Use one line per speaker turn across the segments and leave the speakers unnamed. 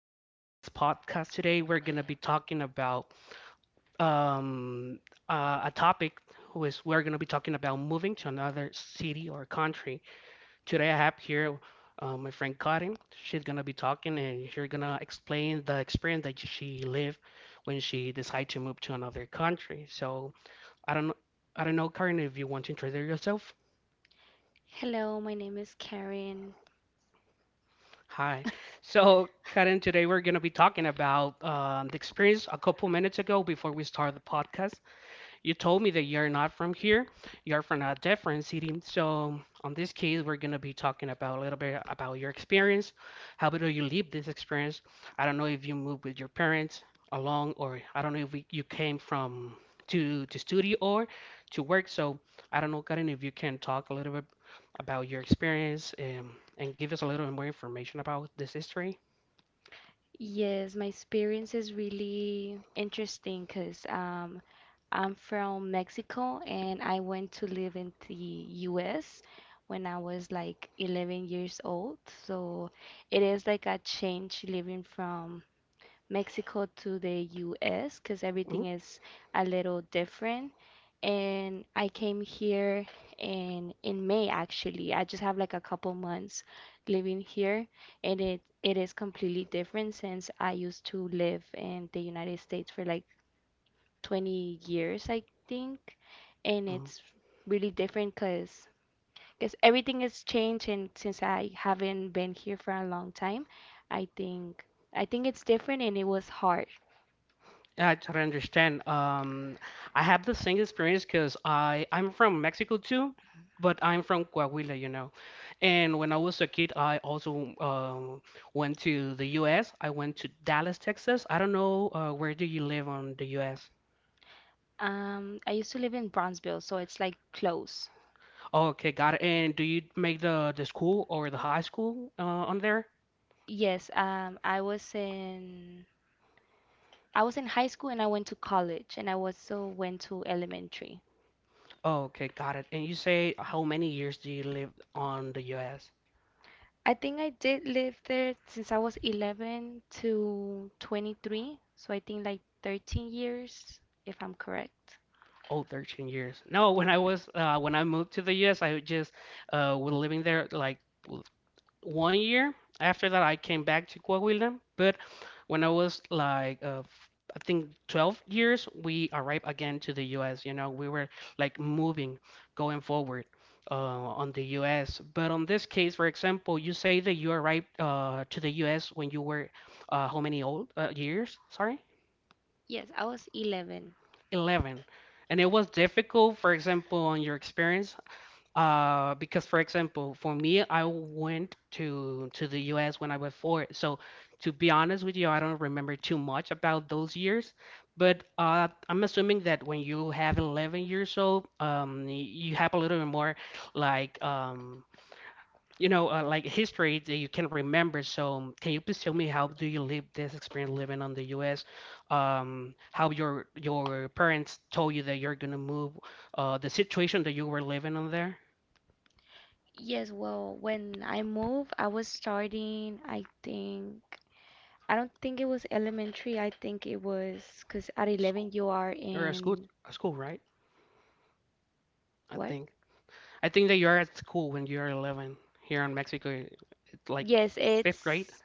Welcome to this podcast. Today we're gonna be talking about um, a topic who is we're gonna be talking about moving to another city or country. Today I have here my friend Karin. She's gonna be talking and she's gonna explain the experience that she lived when she decided to move to another country. So I don't I don't know, Karin, if you want to introduce yourself.
Hello, my name is Karen.
Hi. So, Karen, today we're going to be talking about the experience. A couple minutes ago before we start the podcast, you told me that you're not from here. You're from a different city. So, on this case, we're gonna be talking about a little bit about your experience. How do you live this experience? I don't know if you moved with your parents along, or I don't know if you came from to study or to work. So, I don't know, Karen, if you can talk a little bit about your experience and give us a little more information about this history.
Yes, my experience is really interesting because I'm from Mexico and I went to live in the US when I was like 11 years old. So it is like a change living from Mexico to the US because everything is a little different. And I came here in May actually. I just have like a couple months living here and it is completely different since I used to live in the United States for like 20 years, I think. And
Mhm.
it's really different because everything has changed and since I haven't been here for a long time, I think I think it's different and it was hard.
Yeah, I totally understand. I have the same experience because I'm from Mexico too, but I'm from Coahuila, you know. And when I was a kid, I also went to the U.S. I went to Dallas, Texas. I don't know where do you live on the U.S.
I used to live in Bronzeville, so it's like close.
Okay, got it. And do you make the school or the high school on there?
Yes, I was in high school and I went to college and I also went to elementary.
Okay, got it. And you say how many years do you live on the U.S.?
I think I did live there since I was 11 to 23, so I think like 13 years, if I'm correct.
Oh, 13 years. No, when I was when I moved to the US, I just was living there like l- one year. After that, I came back to Coahuila. But when I was like I think 12 years, we arrived again to the US. You know, we were like moving, going forward on the US. But on this case, for example, you say that you arrived to the US when you were how many old years? Sorry,
Yes, I was 11.
11. And it was difficult, for example, on your experience. Because, for example, for me, I went to the US when I was four. So to be honest with you, I don't remember too much about those years. But I'm assuming that when you have 11 years old, you have a little bit more like you know like history that you can remember. So can you please tell me how do you live this experience living on the US? How your parents told you that you're gonna move? The situation that you were living on there?
Yes, well, when I moved, I was starting, I don't think it was elementary. I think it was because at 11
School.
you are
Or a school,
in—
right? I
What?
think. I think that you're at school when you're 11 here in Mexico. It's like
Yes,
fifth grade.
it's—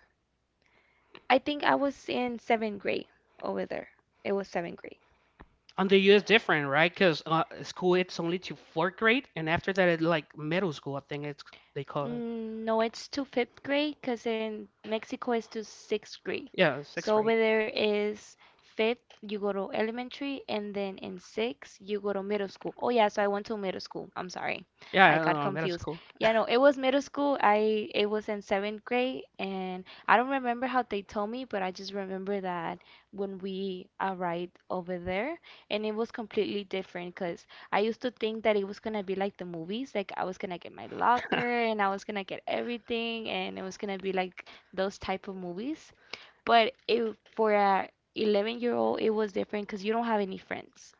I think I was in seventh grade over there. It was seventh grade.
On the U.S. different, right? Because school it's only to fourth grade, and after that it's like middle school. I think it's they call it.
Mm, no, it's to fifth grade because in Mexico it's to sixth grade.
Yeah, sixth
So over
grade.
there is fifth, you go to elementary, and then in sixth, you go to middle school. Oh, yeah, so I went to middle school. I'm sorry.
Yeah,
I
I don't
got
know, middle
confused.
school.
Yeah, no, it was middle school. I— it was in seventh grade, and I don't remember how they told me, but I just remember that when we arrived over there, and it was completely different because I used to think that it was gonna be like the movies, like I was gonna get my locker and I was gonna get everything, and it was gonna be like those type of movies. But it, for a 11-year-old, it was different because you don't have any friends.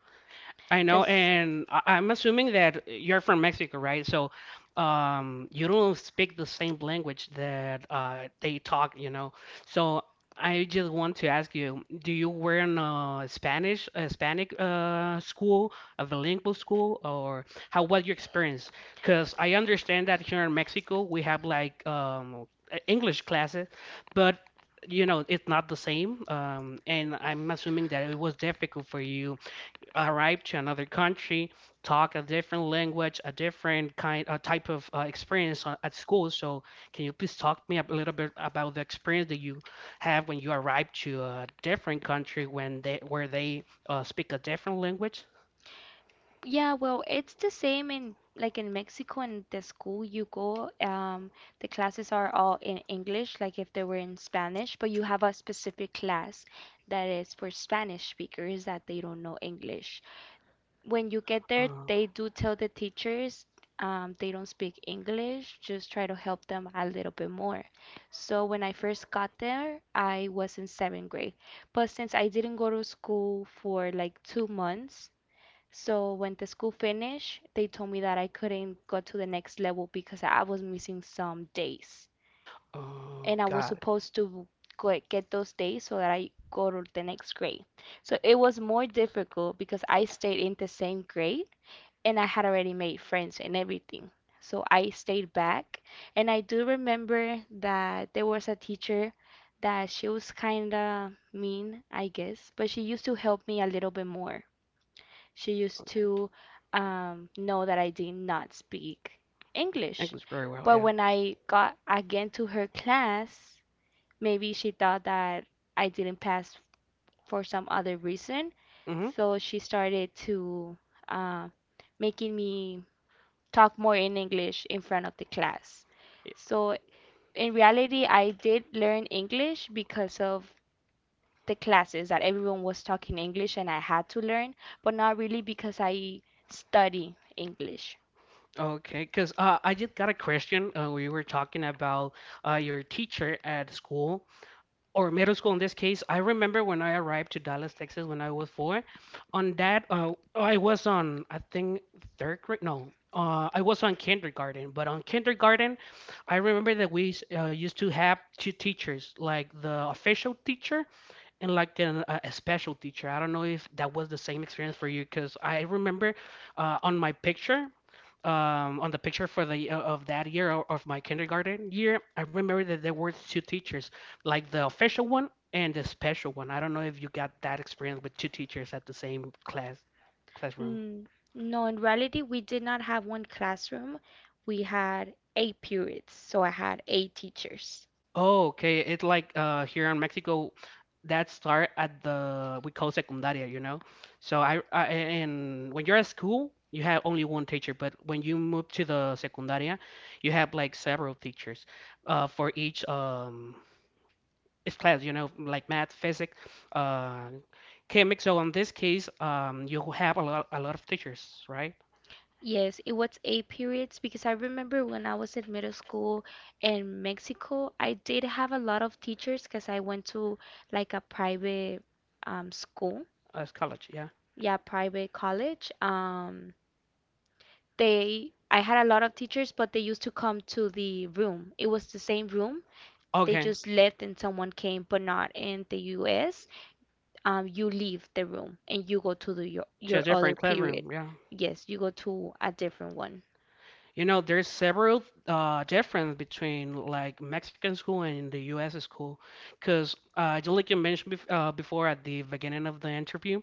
I know,
Because
and I'm assuming that you're from Mexico, right? So, you don't speak the same language that they talk, you know. So, I just want to ask you, do you were in a Spanish, a Hispanic school, a bilingual school, or how was your experience? Because I understand that here in Mexico we have like English classes, but you know it's not the same. And I'm assuming that it was difficult for you arrive to another country, talk a different language, a different kind, a type of experience at school. So, can you please talk me up a little bit about the experience that you have when you arrive to a different country when they where they speak a different language?
yeah, well, it's the same in like in Mexico and the school you go, the classes are all in English, like if they were in Spanish, but you have a specific class that is for Spanish speakers that they don't know English. When you get there,
Uh,
they do tell the teachers they don't speak English, just try to help them a little bit more. So when I first got there, I was in seventh grade. But since I didn't go to school for like two months, so when the school finished, they told me that I couldn't go to the next level because I was missing some days.
oh,
And I was
God.
supposed to go get those days so that I go to the next grade. So it was more difficult because I stayed in the same grade and I had already made friends and everything. So I stayed back. And I do remember that there was a teacher that she was kind of mean, I guess, but she used to help me a little bit more. She used
Okay.
to know that I did not speak English.
English very well,
But
yeah.
when I got again to her class, maybe she thought that I didn't pass for some other reason.
Mm-hmm.
So she started to uh, making me talk more in English in front of the class. So in reality, I did learn English because of the classes that everyone was talking English and I had to learn, but not really because I study English.
Okay, because I just got a question. We were talking about your teacher at school or middle school in this case. I remember when I arrived to Dallas, Texas when I was four. On that, I was on, I think, third grade. No, I was on kindergarten. But on kindergarten, I remember that we used to have two teachers, like the official teacher and like an, a special teacher. I don't know if that was the same experience for you because I remember on my picture, on the picture for the of that year of my kindergarten year, I remember that there were two teachers, like the official one and the special one. I don't know if you got that experience with two teachers at the same classroom.
Mm, no, in reality, we did not have one classroom. We had eight periods, so I had eight teachers.
Oh, okay. It's like here in Mexico, that start at the we call secundaria, you know. So I and when you're at school, you have only one teacher, but when you move to the secundaria, you have like several teachers for each class, you know, like math, physics, uh chemics. So in this case, you have a lot of teachers, right?
Yes, it was eight periods because I remember when I was in middle school in Mexico, I did have a lot of teachers because I went to like a private school,
As college, yeah.
yeah, private college. I had a lot of teachers, but they used to come to the room. It was the same room. They
Okay.
just left and someone came, but not in the US. You leave the room and you go to
To
your
a
other
different
period.
classroom, yeah.
Yes, you go to a different one.
You know, there's several difference between like Mexican school and the U.S. school, because just like you mentioned before at the beginning of the interview,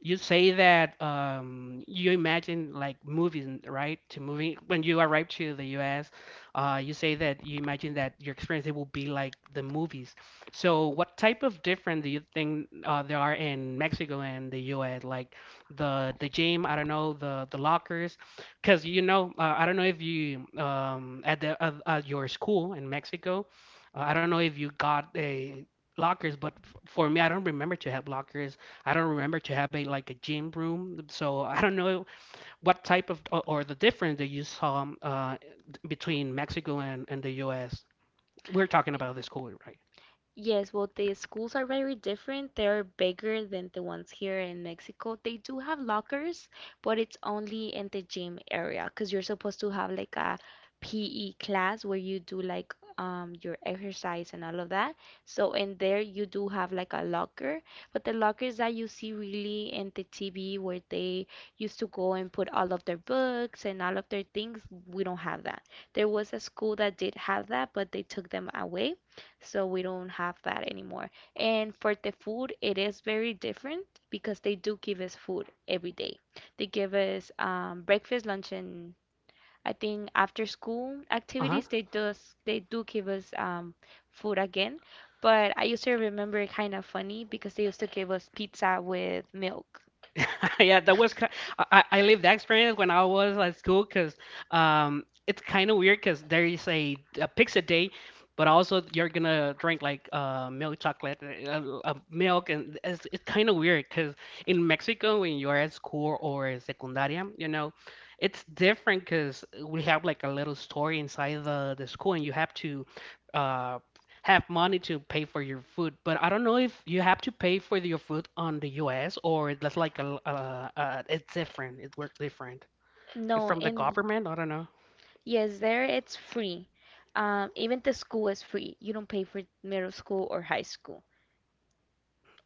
you say that you imagine like movies, right? To moving when you arrive to the US, you say that you imagine that your experience it will be like the movies. So, what type of difference do you think there are in Mexico and the US? Like the gym, I don't know, the lockers, because you know, I don't know if you at the at your school in Mexico, I don't know if you got a lockers, but f for me, I don't remember to have lockers. I don't remember to have a like a gym room, so I don't know what type of or the difference that you saw between Mexico and the U.S. We're talking
Y
about the school, right?
Yes, well, the schools are very different. They're bigger than the ones here in Mexico. They do have lockers, but it's only in the gym area because you're supposed to have like a PE class where you do like your exercise and all of that. So in there you do have like a locker, but the lockers that you see really in the TV where they used to go and put all of their books and all of their things, we don't have that. There was a school that did have that, but they took them away so we don't have that anymore. And for the food, it is very different because they do give us food every day. They give us breakfast, lunch, and I think after school
Uh
activities. They do give us food again. But I used to remember it kind of funny because they used to give us pizza with milk.
Yeah, that was ki I lived that experience when I was at school because it's kind of weird because there is a pizza day, but also you're gonna drink like milk chocolate, milk, and it's kind of weird because in Mexico when you're at school or in secundaria, you know, it's different because we have like a little store inside the school and you have to. Uh, have money to pay for your food, but I don't know if you have to pay for your food on the US or that's like it's different. It works different. It's
No,
from the
in
government. I don't know.
yes, there it's free. Even the school is free. You don't pay for middle school or high school.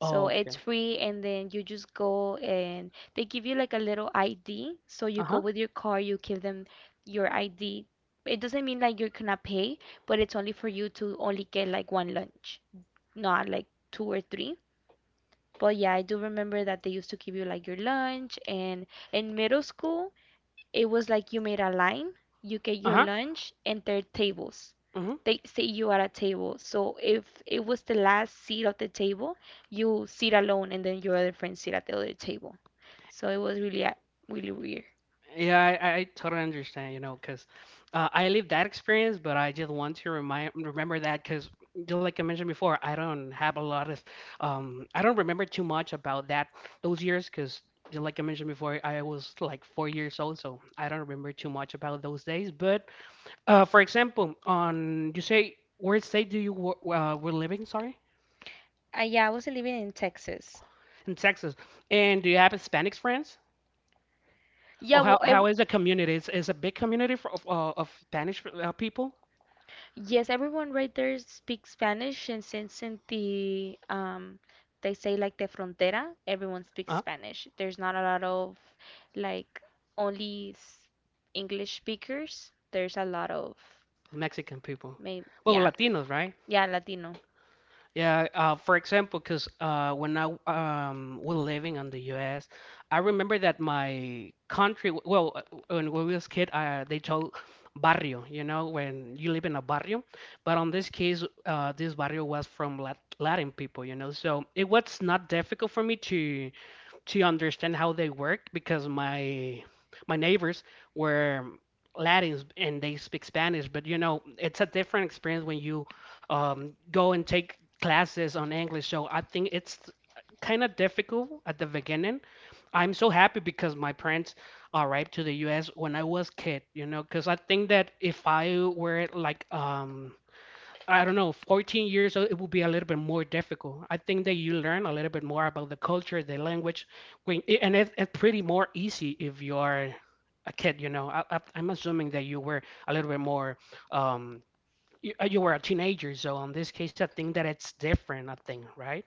Oh,
So it's
okay.
free, and then you just go and they give you like a little ID. So you go
Uh-huh.
with your car, you give them your ID. It doesn't mean like you're gonna pay, but it's only for you to only get like one lunch, not like two or three. But yeah, I do remember that they used to give you like your lunch, and in middle school, it was like you made a line, you get your
Uh-huh.
lunch, and there are tables.
Mm-hmm.
They say you are at a table. So if it was the last seat of the table, you sit alone and then your other friends sit at the other table. So it was really, really weird.
Yeah, I totally understand, you know, because I lived that experience, but I just want to remind remember that because, like I mentioned before, I don't have a lot of, I don't remember too much about that those years because, like I mentioned before, I was like 4 years old, so I don't remember too much about those days. But, for example, on you say where state do you were living? Sorry,
Yeah, I wasn't living in Texas.
in Texas, and do you have Hispanic friends?
Yeah,
Or
well, I—
how is the community? Is a big community of Spanish people?
Yes, everyone right there speaks Spanish, and since in the they say like the frontera, everyone speaks
Uh,
Spanish. There's not a lot of like only s- English speakers. There's a lot of—
Mexican people.
may
Well,
yeah,
Latinos, right?
yeah, Latino.
Yeah, for example, because when I was living in the US, I remember that my country, well, when we was kid, they told barrio, you know, when you live in a barrio. But on this case, this barrio was from Latin people, you know, so it was not difficult for me to understand how they work because my neighbors were Latins and they speak Spanish, but you know, it's a different experience when you go and take classes on English. So I think it's kind of difficult at the beginning. I'm so happy because my parents arrived to the US when I was kid, you know, because I think that if I were like I don't know, 14 years old, it will be a little bit more difficult. I think that you learn a little bit more about the culture, the language, and it's pretty more easy if you are a kid, you know. I'm assuming that you were a little bit more, um, you were a teenager, so in this case, I think that it's different, I think, right?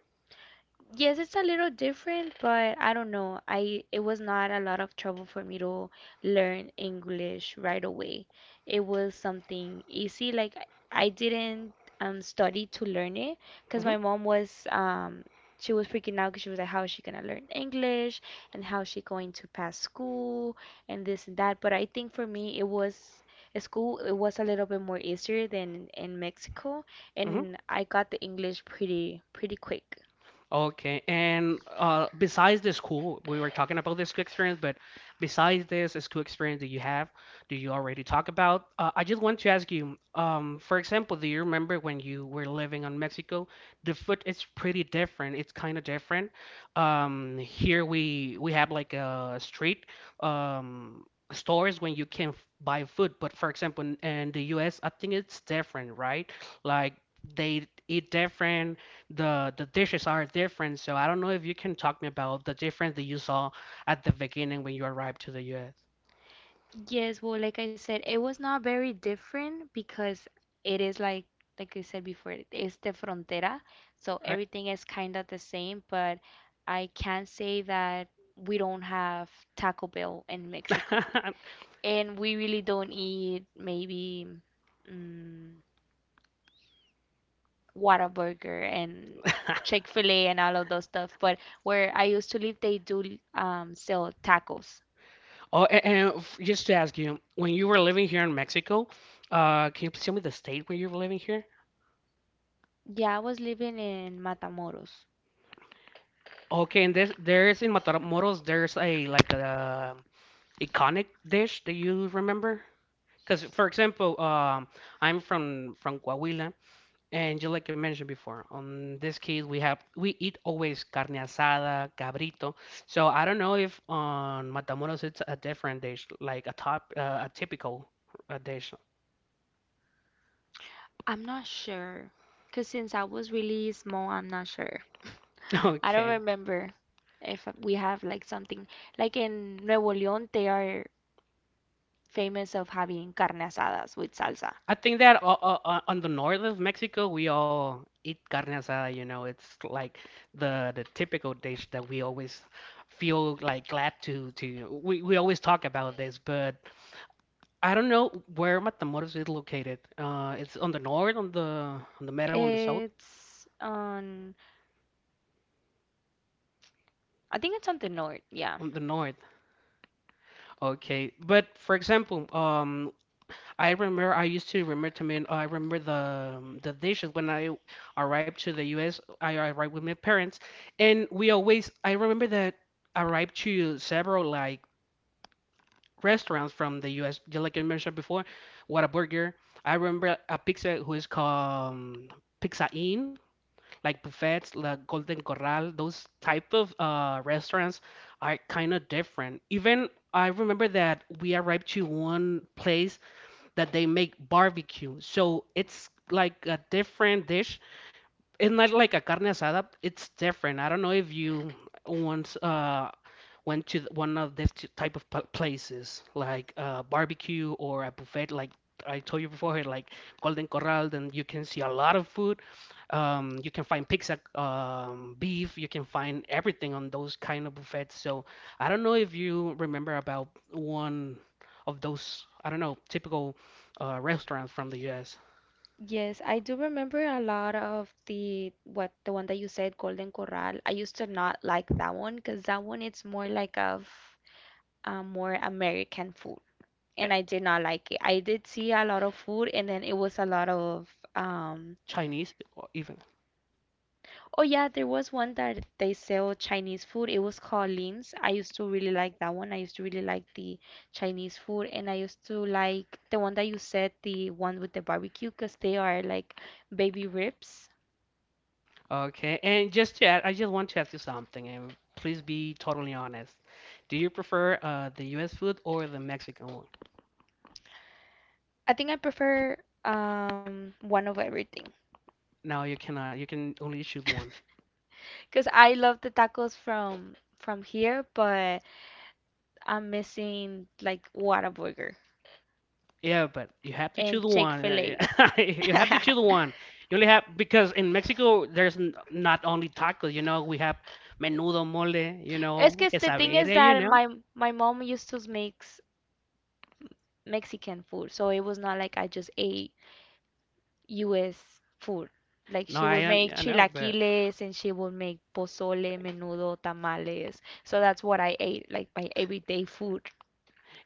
Yes, it's a little different, but I don't know. I It was not a lot of trouble for me to learn English right away. It was something easy. I didn't study to learn it because
Hmm.
my mom was she was freaking out because she was like, how is she gonna learn English and how is she going to pass school and this and that. But I think for me it was— at school it was a little bit more easier than in Mexico,
Hmm.
and I got the English pretty quick.
Okay, and besides the school, we were talking about the school experience, but besides this school experience that you have, do you already talk about? I just want to ask you, for example, do you remember when you were living in Mexico? The food is pretty different. It's kind of different. Here we have like a street um, stores when you can buy food, but for example, in the U.S., I think it's different, right? Like they eat different, the dishes are different. So I don't know if you can talk me about the difference that you saw at the beginning when you arrived to the U.S.,
Yes, well, like I said, it was not very different because it is like— like I said before, it's the frontera, so
right?
everything is kind of the same, but I can say that we don't have Taco Bell in Mexico. And we really don't eat maybe mm, Whataburger and Chick-fil-A and all of those stuff, but where I used to live, they do sell tacos.
Oh, and, just to ask you, when you were living here in Mexico, can you please tell me the state where you were living here?
Yeah, I was living in Matamoros.
Okay, and there's in Matamoros there's a like a iconic dish that you remember? Because for example, I'm from Coahuila, and just like I mentioned before, on this case we have we eat always carne asada, cabrito. So I don't know if on Matamoros it's a different dish, like a top a typical dish.
I'm not sure. Because since I was really small, I'm not sure. I don't
Okay.
remember if we have like something. Like in Nuevo León, they are famous of having carne asadas with salsa.
I think that on the north of Mexico we all eat carne asada, you know, it's like the typical dish that we always feel like glad to we always talk about this, but I don't know where Matamoros is located. It's on the north, on the middle, on the south,
It's on— I think it's on the north, yeah.
on the north. Okay, but for example, I remember I used to remember to me. I remember the dishes when I arrived to the U.S. I arrived with my parents, and we always I remember that I arrived to several like restaurants from the U.S. Just like I mentioned before, Whataburger. I remember a pizza who is called Pizza Inn. Like buffets, like Golden Corral, those type of restaurants are kind of different. Even I remember that we arrived to one place that they make barbecue, so it's like a different dish, it's not like a carne asada. It's different. I don't know if you once went to one of these type of places like barbecue or a buffet like I told you before, like Golden Corral, then you can see a lot of food. You can find pizza, beef. You can find everything on those kind of buffets. So I don't know if you remember about one of those, I don't know, typical restaurants from the U.S.
Yes, I do remember a lot of the— what the one that you said, Golden Corral. I used to not like that one because that one it's more like of more American food. And I did not like it. I did see a lot of food, and then it was a lot of um.
Chinese or even.
Oh yeah, there was one that they sell Chinese food. It was called Lin's. I used to really like that one. I used to really like the Chinese food, and I used to like the one that you said, the one with the barbecue, because they are like baby ribs.
Okay, and just to add, I just want to ask you something, and please be totally honest. Do you prefer the U.S. food or the Mexican one?
I think I prefer one of everything.
No, you cannot. You can only choose one.
Because I love the tacos from here, but I'm missing like Whataburger
Yeah, but you have to choose
and
one.
Chick-fil-A's.
You have to choose one. You only have because in Mexico there's n not only tacos. You know, we have menudo, mole. You
It's
know,
because the thing is
quesadilla. You
that
know.
my mom used to make Mexican food, so it was not like I just ate U.S. food. Like
No,
she would
I
make
I know, but.
chilaquiles and she would make pozole, menudo, tamales. So that's what I ate, like my everyday food.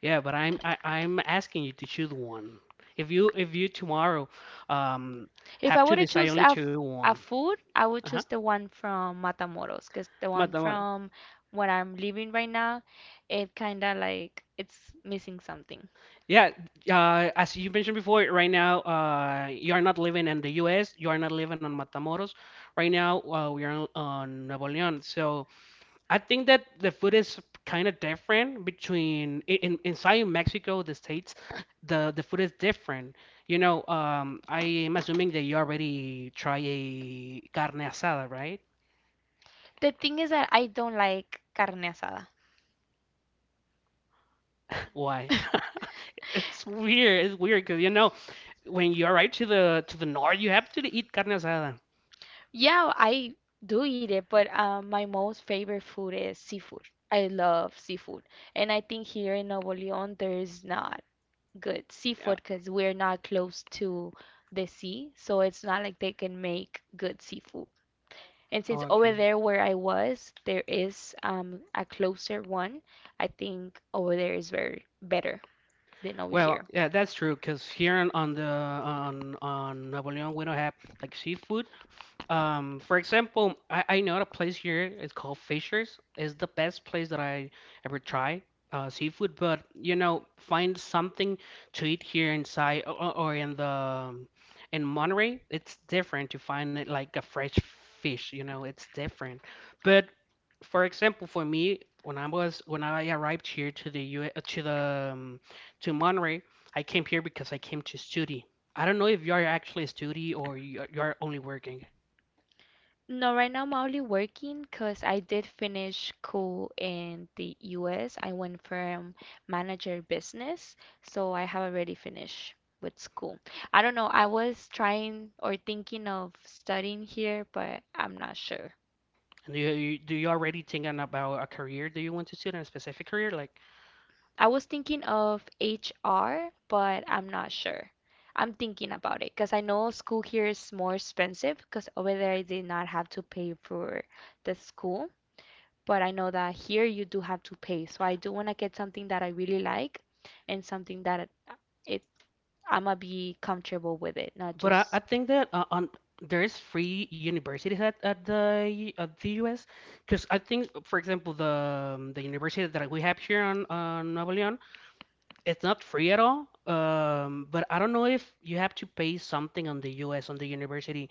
Yeah, but I'm asking you to choose one. If you tomorrow um
If I
have
were
to
to
decide
choose
only to
a
one.
food, I would
Uh-huh.
choose the one from Matamoros, because the one
Matamora.
from where I'm living right now, it kind of like it's missing something.
Yeah, as you mentioned before, right now you are not living in the U.S. You are not living on Matamoros. Right now we are on Nuevo León. So I think that the food is kind of different between in inside Mexico, the states, the food is different. You know, I am assuming that you already try a carne asada, right?
The thing is that I don't like carne asada.
Why? It's weird. It's weird because you know when you arrive to the north, you have to eat carne asada.
Yeah, I do eat it, but my most favorite food is seafood. I love seafood. And I think here in Nuevo León, there's not good seafood
Yeah.
because we're not close to the sea. So it's not like they can make good seafood. And since
Oh,
over
okay.
there where I was, there is a closer one, I think over there is very better than over
Well,
here.
yeah, that's true. Cause here on the on Nuevo León, we don't have like seafood. For example, I know a place here. It's called Fisher's. It's the best place that I ever try seafood. But you know, find something to eat here inside or, or in the in Monterey. It's different to find it like a fresh fish. You know, it's different. But for example, for me, when I arrived here to the U to the to Monterey, I came here because I came to study. I don't know if you're actually a study or you're only working.
No, right now I'm only working because I did finish school in the US. I went from manager business, so I have already finished with school. I don't know, I was trying or thinking of studying here, but I'm not sure.
And do you already thinking about a career? Do you want to student a specific career? Like,
I was thinking of HR, but I'm not sure. I'm thinking about it because I know school here is more expensive because over there I did not have to pay for the school. But I know that here you do have to pay. So I do want to get something that I really like and something that it I'm gonna be comfortable with it, not
but I
just.
think that on there's free universities at the at the U.S. Because I think, for example, the university that we have here on Nuevo León, it's not free at all. But I don't know if you have to pay something on the U.S. on the university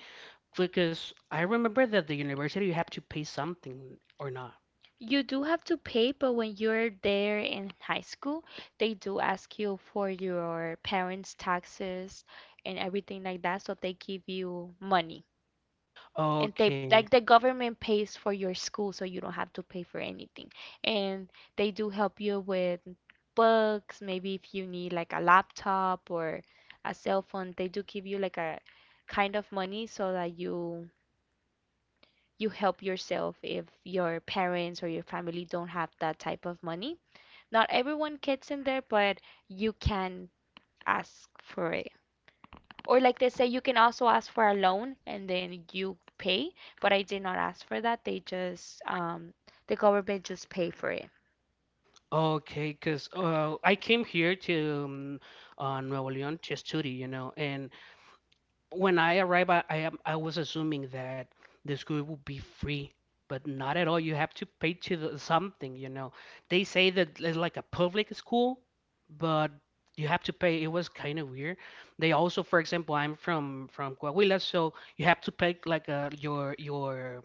because I remember that the university you have to pay something or not.
You do have to pay, but when you're there in high school, they do ask you for your parents' taxes and everything like that, so they give you money. And they,
Okay.
like, the government pays for your school so you don't have to pay for anything, and they do help you with books, maybe if you need like a laptop or a cell phone. They do give you like a kind of money so that you help yourself if your parents or your family don't have that type of money. Not everyone gets in there, but you can ask for it, or like they say, you can also ask for a loan and then you pay. But I did not ask for that. They just, the government just pay for it.
Okay, because I came here to Nuevo León to study, you know, and when I arrived, I was assuming that the school would be free, but not at all. You have to pay to the, something, you know. They say that it's like a public school, but you have to pay. It was kind of weird. They also, for example, I'm from Coahuila, so you have to pay like your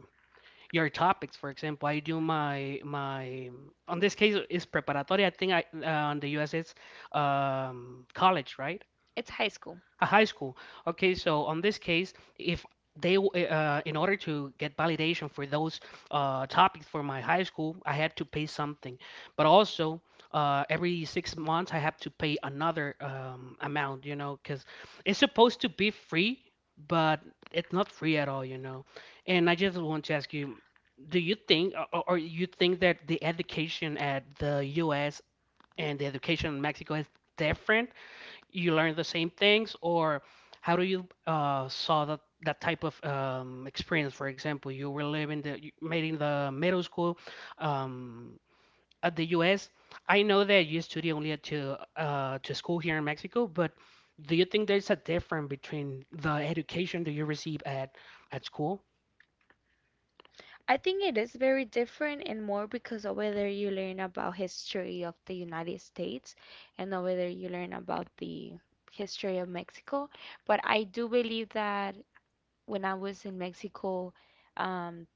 your topics. For example, I do my on this case it's preparatory. I think I on the U.S. it's college, right?
It's high school.
A high school. Okay, so on this case, if they, in order to get validation for those topics for my high school, I had to pay something. But also, every 6 months, I have to pay another amount, you know, because it's supposed to be free, but it's not free at all, you know. And I just want to ask you, do you think, or you think that the education at the U.S. and the education in Mexico is different? You learn the same things, or how do you saw that that type of experience? For example, you were living the you made in the middle school um, at the U.S. I know that you study only to school here in Mexico, but do you think there's a difference between the education that you receive at school?
I think it is very different, and more because over there you learn about history of the United States, and over there you learn about the history of Mexico. But I do believe that when I was in Mexico, um,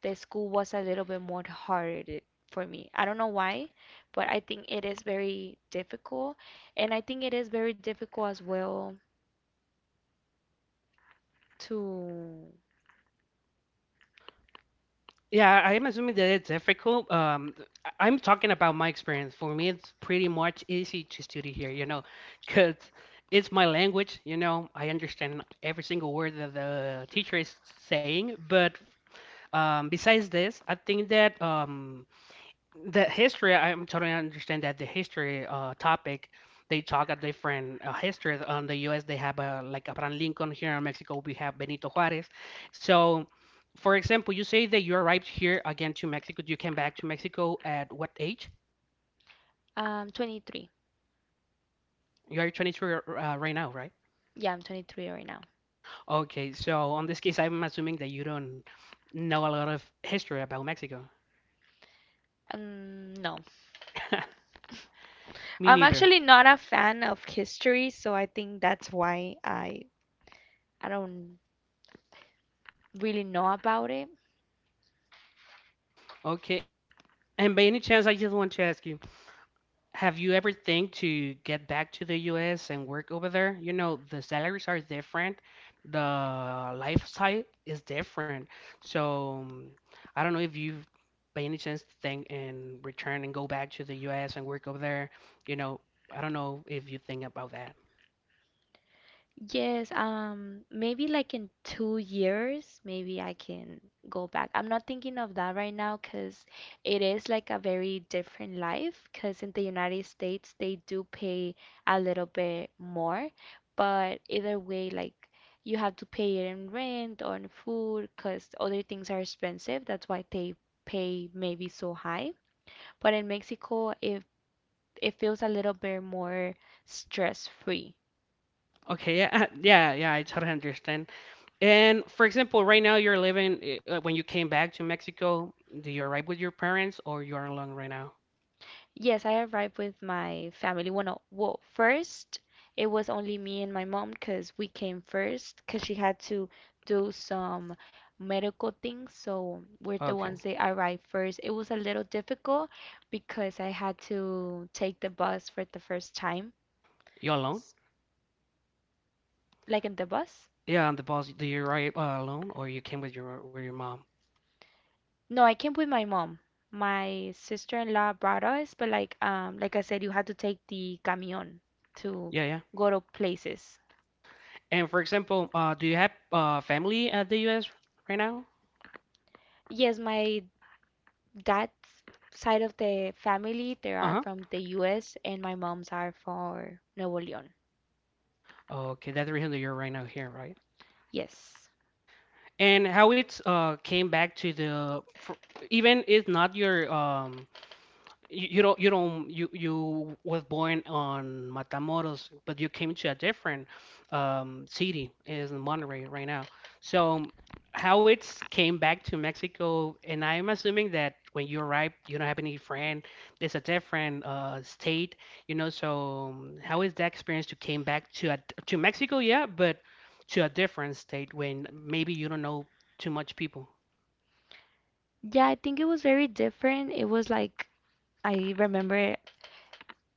the school was a little bit more hard for me. I don't know why, but I think it is very difficult, and I think it is very difficult as well to
Yeah, I am assuming that it's difficult. I'm talking about my experience. For me, it's pretty much easy to study here, you know, because it's my language, you know. I understand every single word that the teacher is saying. But besides this, I think that the history I am totally understand that the history topic, they talk a different history. On the US they have like Abraham Lincoln, here in Mexico we have Benito Juarez. So for example, you say that you arrived here again to Mexico, you came back to Mexico at what age?
23.
You are 23 right now, right?
Yeah, I'm 23 right now.
Okay, so on this case I'm assuming that you don't know a lot of history about Mexico.
No.
Me
I'm
neither.
actually not a fan of history, so I think that's why I don't really know about it.
Okay, and by any chance I just want to ask you, have you ever think to get back to the U.S. and work over there? You know, the salaries are different, the lifestyle is different. So I don't know if you've by any chance think and return and go back to the U.S. and work over there. You know, I don't know if you think about that.
Yes, maybe like in 2 years, maybe I can go back. I'm not thinking of that right now because it is like a very different life. Because in the United States, they do pay a little bit more, but either way, like, you have to pay it in rent or in food because other things are expensive. That's why they pay maybe so high. But in Mexico, it feels a little bit more stress free.
Okay, yeah, yeah, yeah, I totally understand. And for example, right now you're living, when you came back to Mexico, do you arrive with your parents or you're alone right now?
Yes, I arrived with my family. Well, no, well, first it was only me and my mom because we came first because she had to do some medical things. So we're the
Okay,
ones that arrived first. It was a little difficult because I had to take the bus for the first time.
you alone?
S- Like in the bus?
Yeah, and the boss, do you ride alone or you came with your mom?
No, I came with my mom. My sister-in-law brought us, but like, like I said, you had to take the camion to
Yeah, yeah.
go to places.
And for example, do you have family at the U.S. right now?
Yes, my, that side of the family, they are
Uh-huh.
from the US and my mom's are for Nuevo León.
Okay, that's the reason that you're right now here, right?
Yes.
And how it's came back to the for, even it's not your you, you don't you don't you you was born on Matamoros, but you came to a different city is in Monterrey right now. So how it's came back to Mexico, and I'm assuming that when you arrive, you don't have any friend. It's a different state, you know. So how is that experience to came back to a, to Mexico? Yeah, but to a different state when maybe you don't know too much people.
Yeah, I think it was very different. It was like, I remember,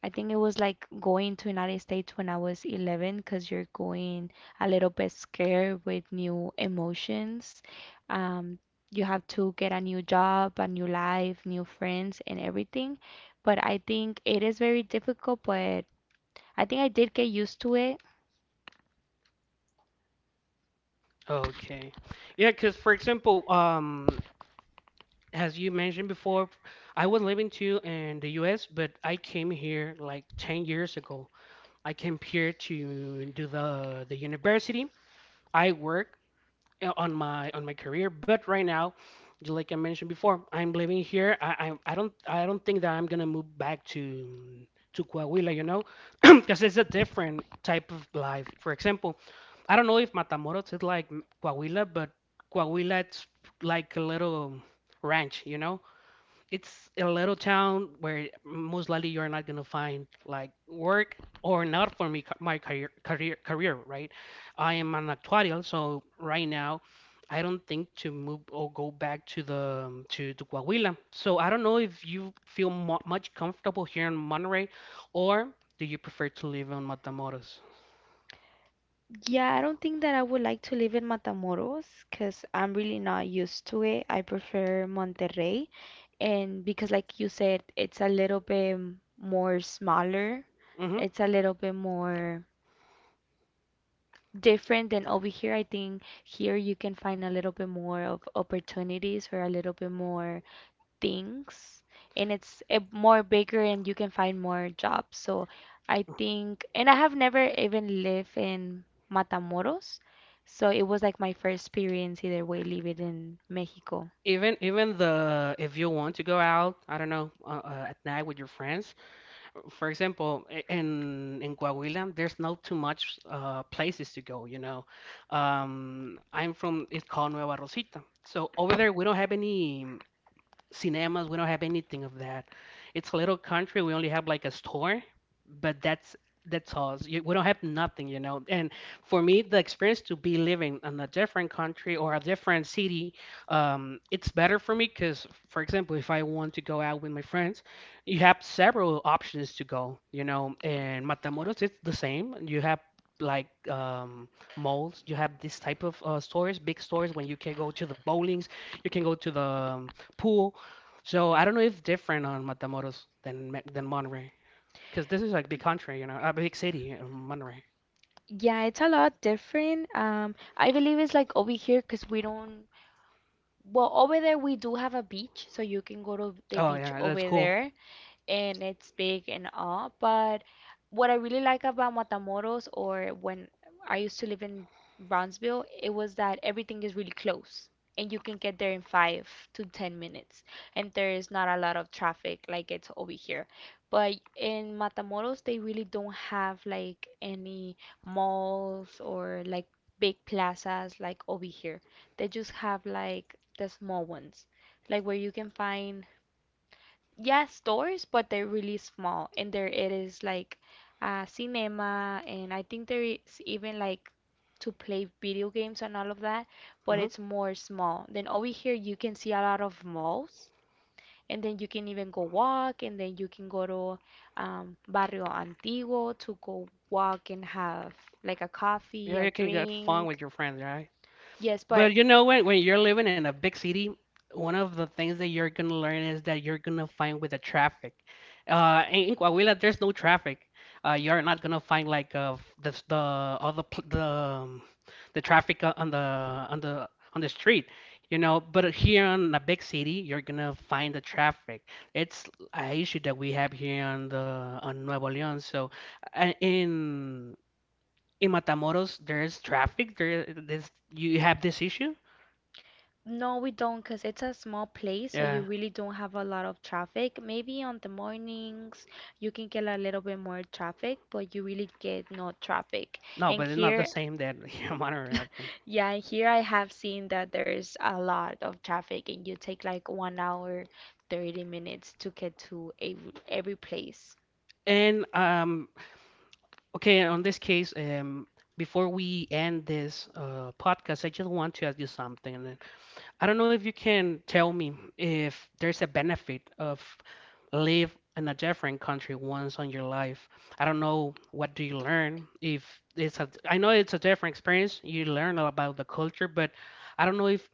I think it was like going to United States when I was 11 because you're going a little bit scared with new emotions. Um, you have to get a new job, a new life, new friends and everything. But I think it is very difficult, but I think I did get used to it.
Okay. Yeah, because for example, as you mentioned before, I was living too in the U.S., but I came here like 10 years ago. I came here to do the university. I work on my career, but right now, like I mentioned before, I'm living here. I don't think that I'm gonna move back to Coahuila, you know, because it's a different type of life. For example, I don't know if Matamoros is like Coahuila, but Coahuila it's like a little ranch, you know, it's a little town where most likely you're not gonna find like work, or not for me, my career, right? I am an actuarial, so right now I don't think to move or go back to to Coahuila. So I don't know if you feel much comfortable here in Monterey, or do you prefer to live in Matamoros?
Yeah, I don't think that I would like to live in Matamoros because I'm really not used to it. I prefer Monterrey, and because, like you said, it's a little bit more smaller,
Hmm.
it's a little bit more different than over here. I think here you can find a little bit more of opportunities or a little bit more things, and it's a more bigger and you can find more jobs. So I think, and I have never even lived in Matamoros. So it was like my first experience either way living in Mexico.
Even even the if you want to go out, I don't know, at night with your friends, for example, in Coahuila, there's not too much places to go, you know. I'm from, it's called Nueva Rosita, so over there we don't have any cinemas, we don't have anything of that. It's a little country, we only have like a store, but that's us. We don't have nothing, you know. And for me, the experience to be living in a different country or a different city, it's better for me, because, for example, if I want to go out with my friends, you have several options to go, you know. And Matamoros it's the same, you have like, malls, you have this type of stores, big stores, when you can go to the bowlings, you can go to the pool. So I don't know if different on Matamoros than than Monterrey, because this is like big country, you know, a big city, Monterrey.
Yeah, it's a lot different. I believe it's like over here because we don't, well, over there we do have a beach, so you can go to the
Oh
beach
yeah, that's
over
cool.
there. And it's big and all. But what I really like about Matamoros, or when I used to live in Brownsville, it was that everything is really close. And you can get there in 5 to 10 minutes, and there is not a lot of traffic like it's over here. But in Matamoros, they really don't have like any malls or like big plazas like over here. They just have like the small ones, like where you can find. Yes, stores, but they're really small. And there it is like cinema, and I think there is even like to play video games and all of that, but
Hmm.
it's more small. Then over here, you can see a lot of malls, and then you can even go walk, and then you can go to Barrio Antiguo to go walk and have like a coffee,
Yeah,
a
you can get fun with
drink.
your friends, right?
Yes, but.
But you know, when you're living in a big city, one of the things that you're gonna learn is that you're gonna find with the traffic. In Coahuila, there's no traffic. You're not gonna find like f- the s- the all the pl- the traffic on the on the on the street, you know. But here in a big city, you're gonna find the traffic. It's a issue that we have here on the on Nuevo León. So uh, in in Matamoros, there's traffic. There, this you have this issue.
No, we don't, because it's a small place, so
Yeah.
you really don't have a lot of traffic. Maybe on the mornings you can get a little bit more traffic, but you really get no traffic.
No,
And
but it's not the
here,
same that human or anything.
yeah, and here I have seen that there's a lot of traffic, and you take like 1 hour, 30 minutes to get to every place.
And okay, on this case, before we end this podcast, I just want to ask you something. I don't know if you can tell me if there's a benefit of live in a different country once on your life. I don't know what do you learn, if it's a, I know it's a different experience. You learn all about the culture, but I don't know if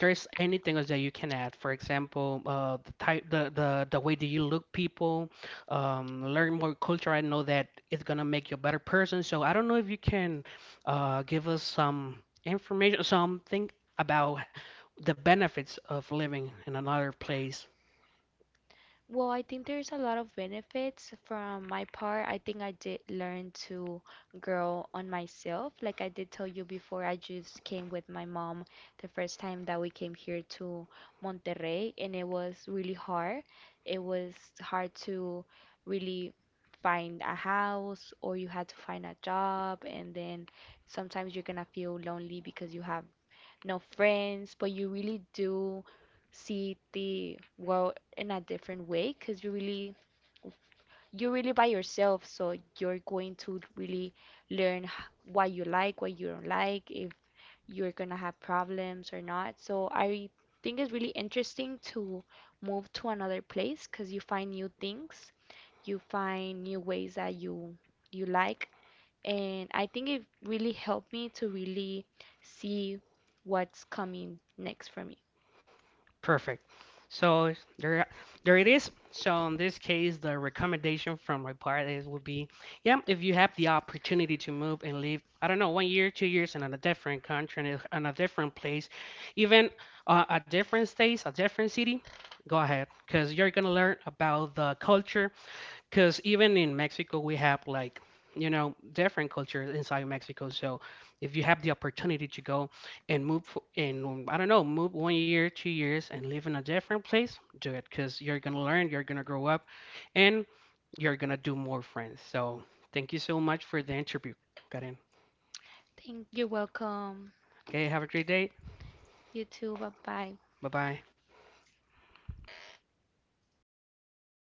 there's anything else that you can add. For example, the type, the way that you look people, learn more culture. I know that it's gonna make you a better person. So I don't know if you can give us some information, something about the benefits of living in another place.
Well, I think there's a lot of benefits from my part. I think I did learn to grow on myself. Like I did tell you before, I just came with my mom the first time that we came here to Monterrey, and it was really hard. It was hard to really find a house, or you had to find a job, and then sometimes you're gonna feel lonely because you have no friends, but you really do see the world in a different way because you really, you're really by yourself, so you're going to really learn what you like, what you don't like, if you're gonna have problems or not. So I think it's really interesting to move to another place because you find new things, you find new ways that you like, and I think it really helped me to really see what's coming next for me.
Perfect. So there, there it is. So in this case, the recommendation from my part is would be, yeah, if you have the opportunity to move and live, I don't know, one year, 2 years in a different country, in a different place, even a different state, a different city, go ahead, because you're gonna learn about the culture. Because even in Mexico, we have like, you know, different cultures inside Mexico. So if you have the opportunity to go and move and I don't know, move one year, 2 years and live in a different place, do it, because you're gonna learn, you're gonna grow up, and you're gonna do more friends. So thank you so much for the interview, Karen.
Thank you're welcome.
Okay, have a great day.
You too. Bye bye.
Bye bye.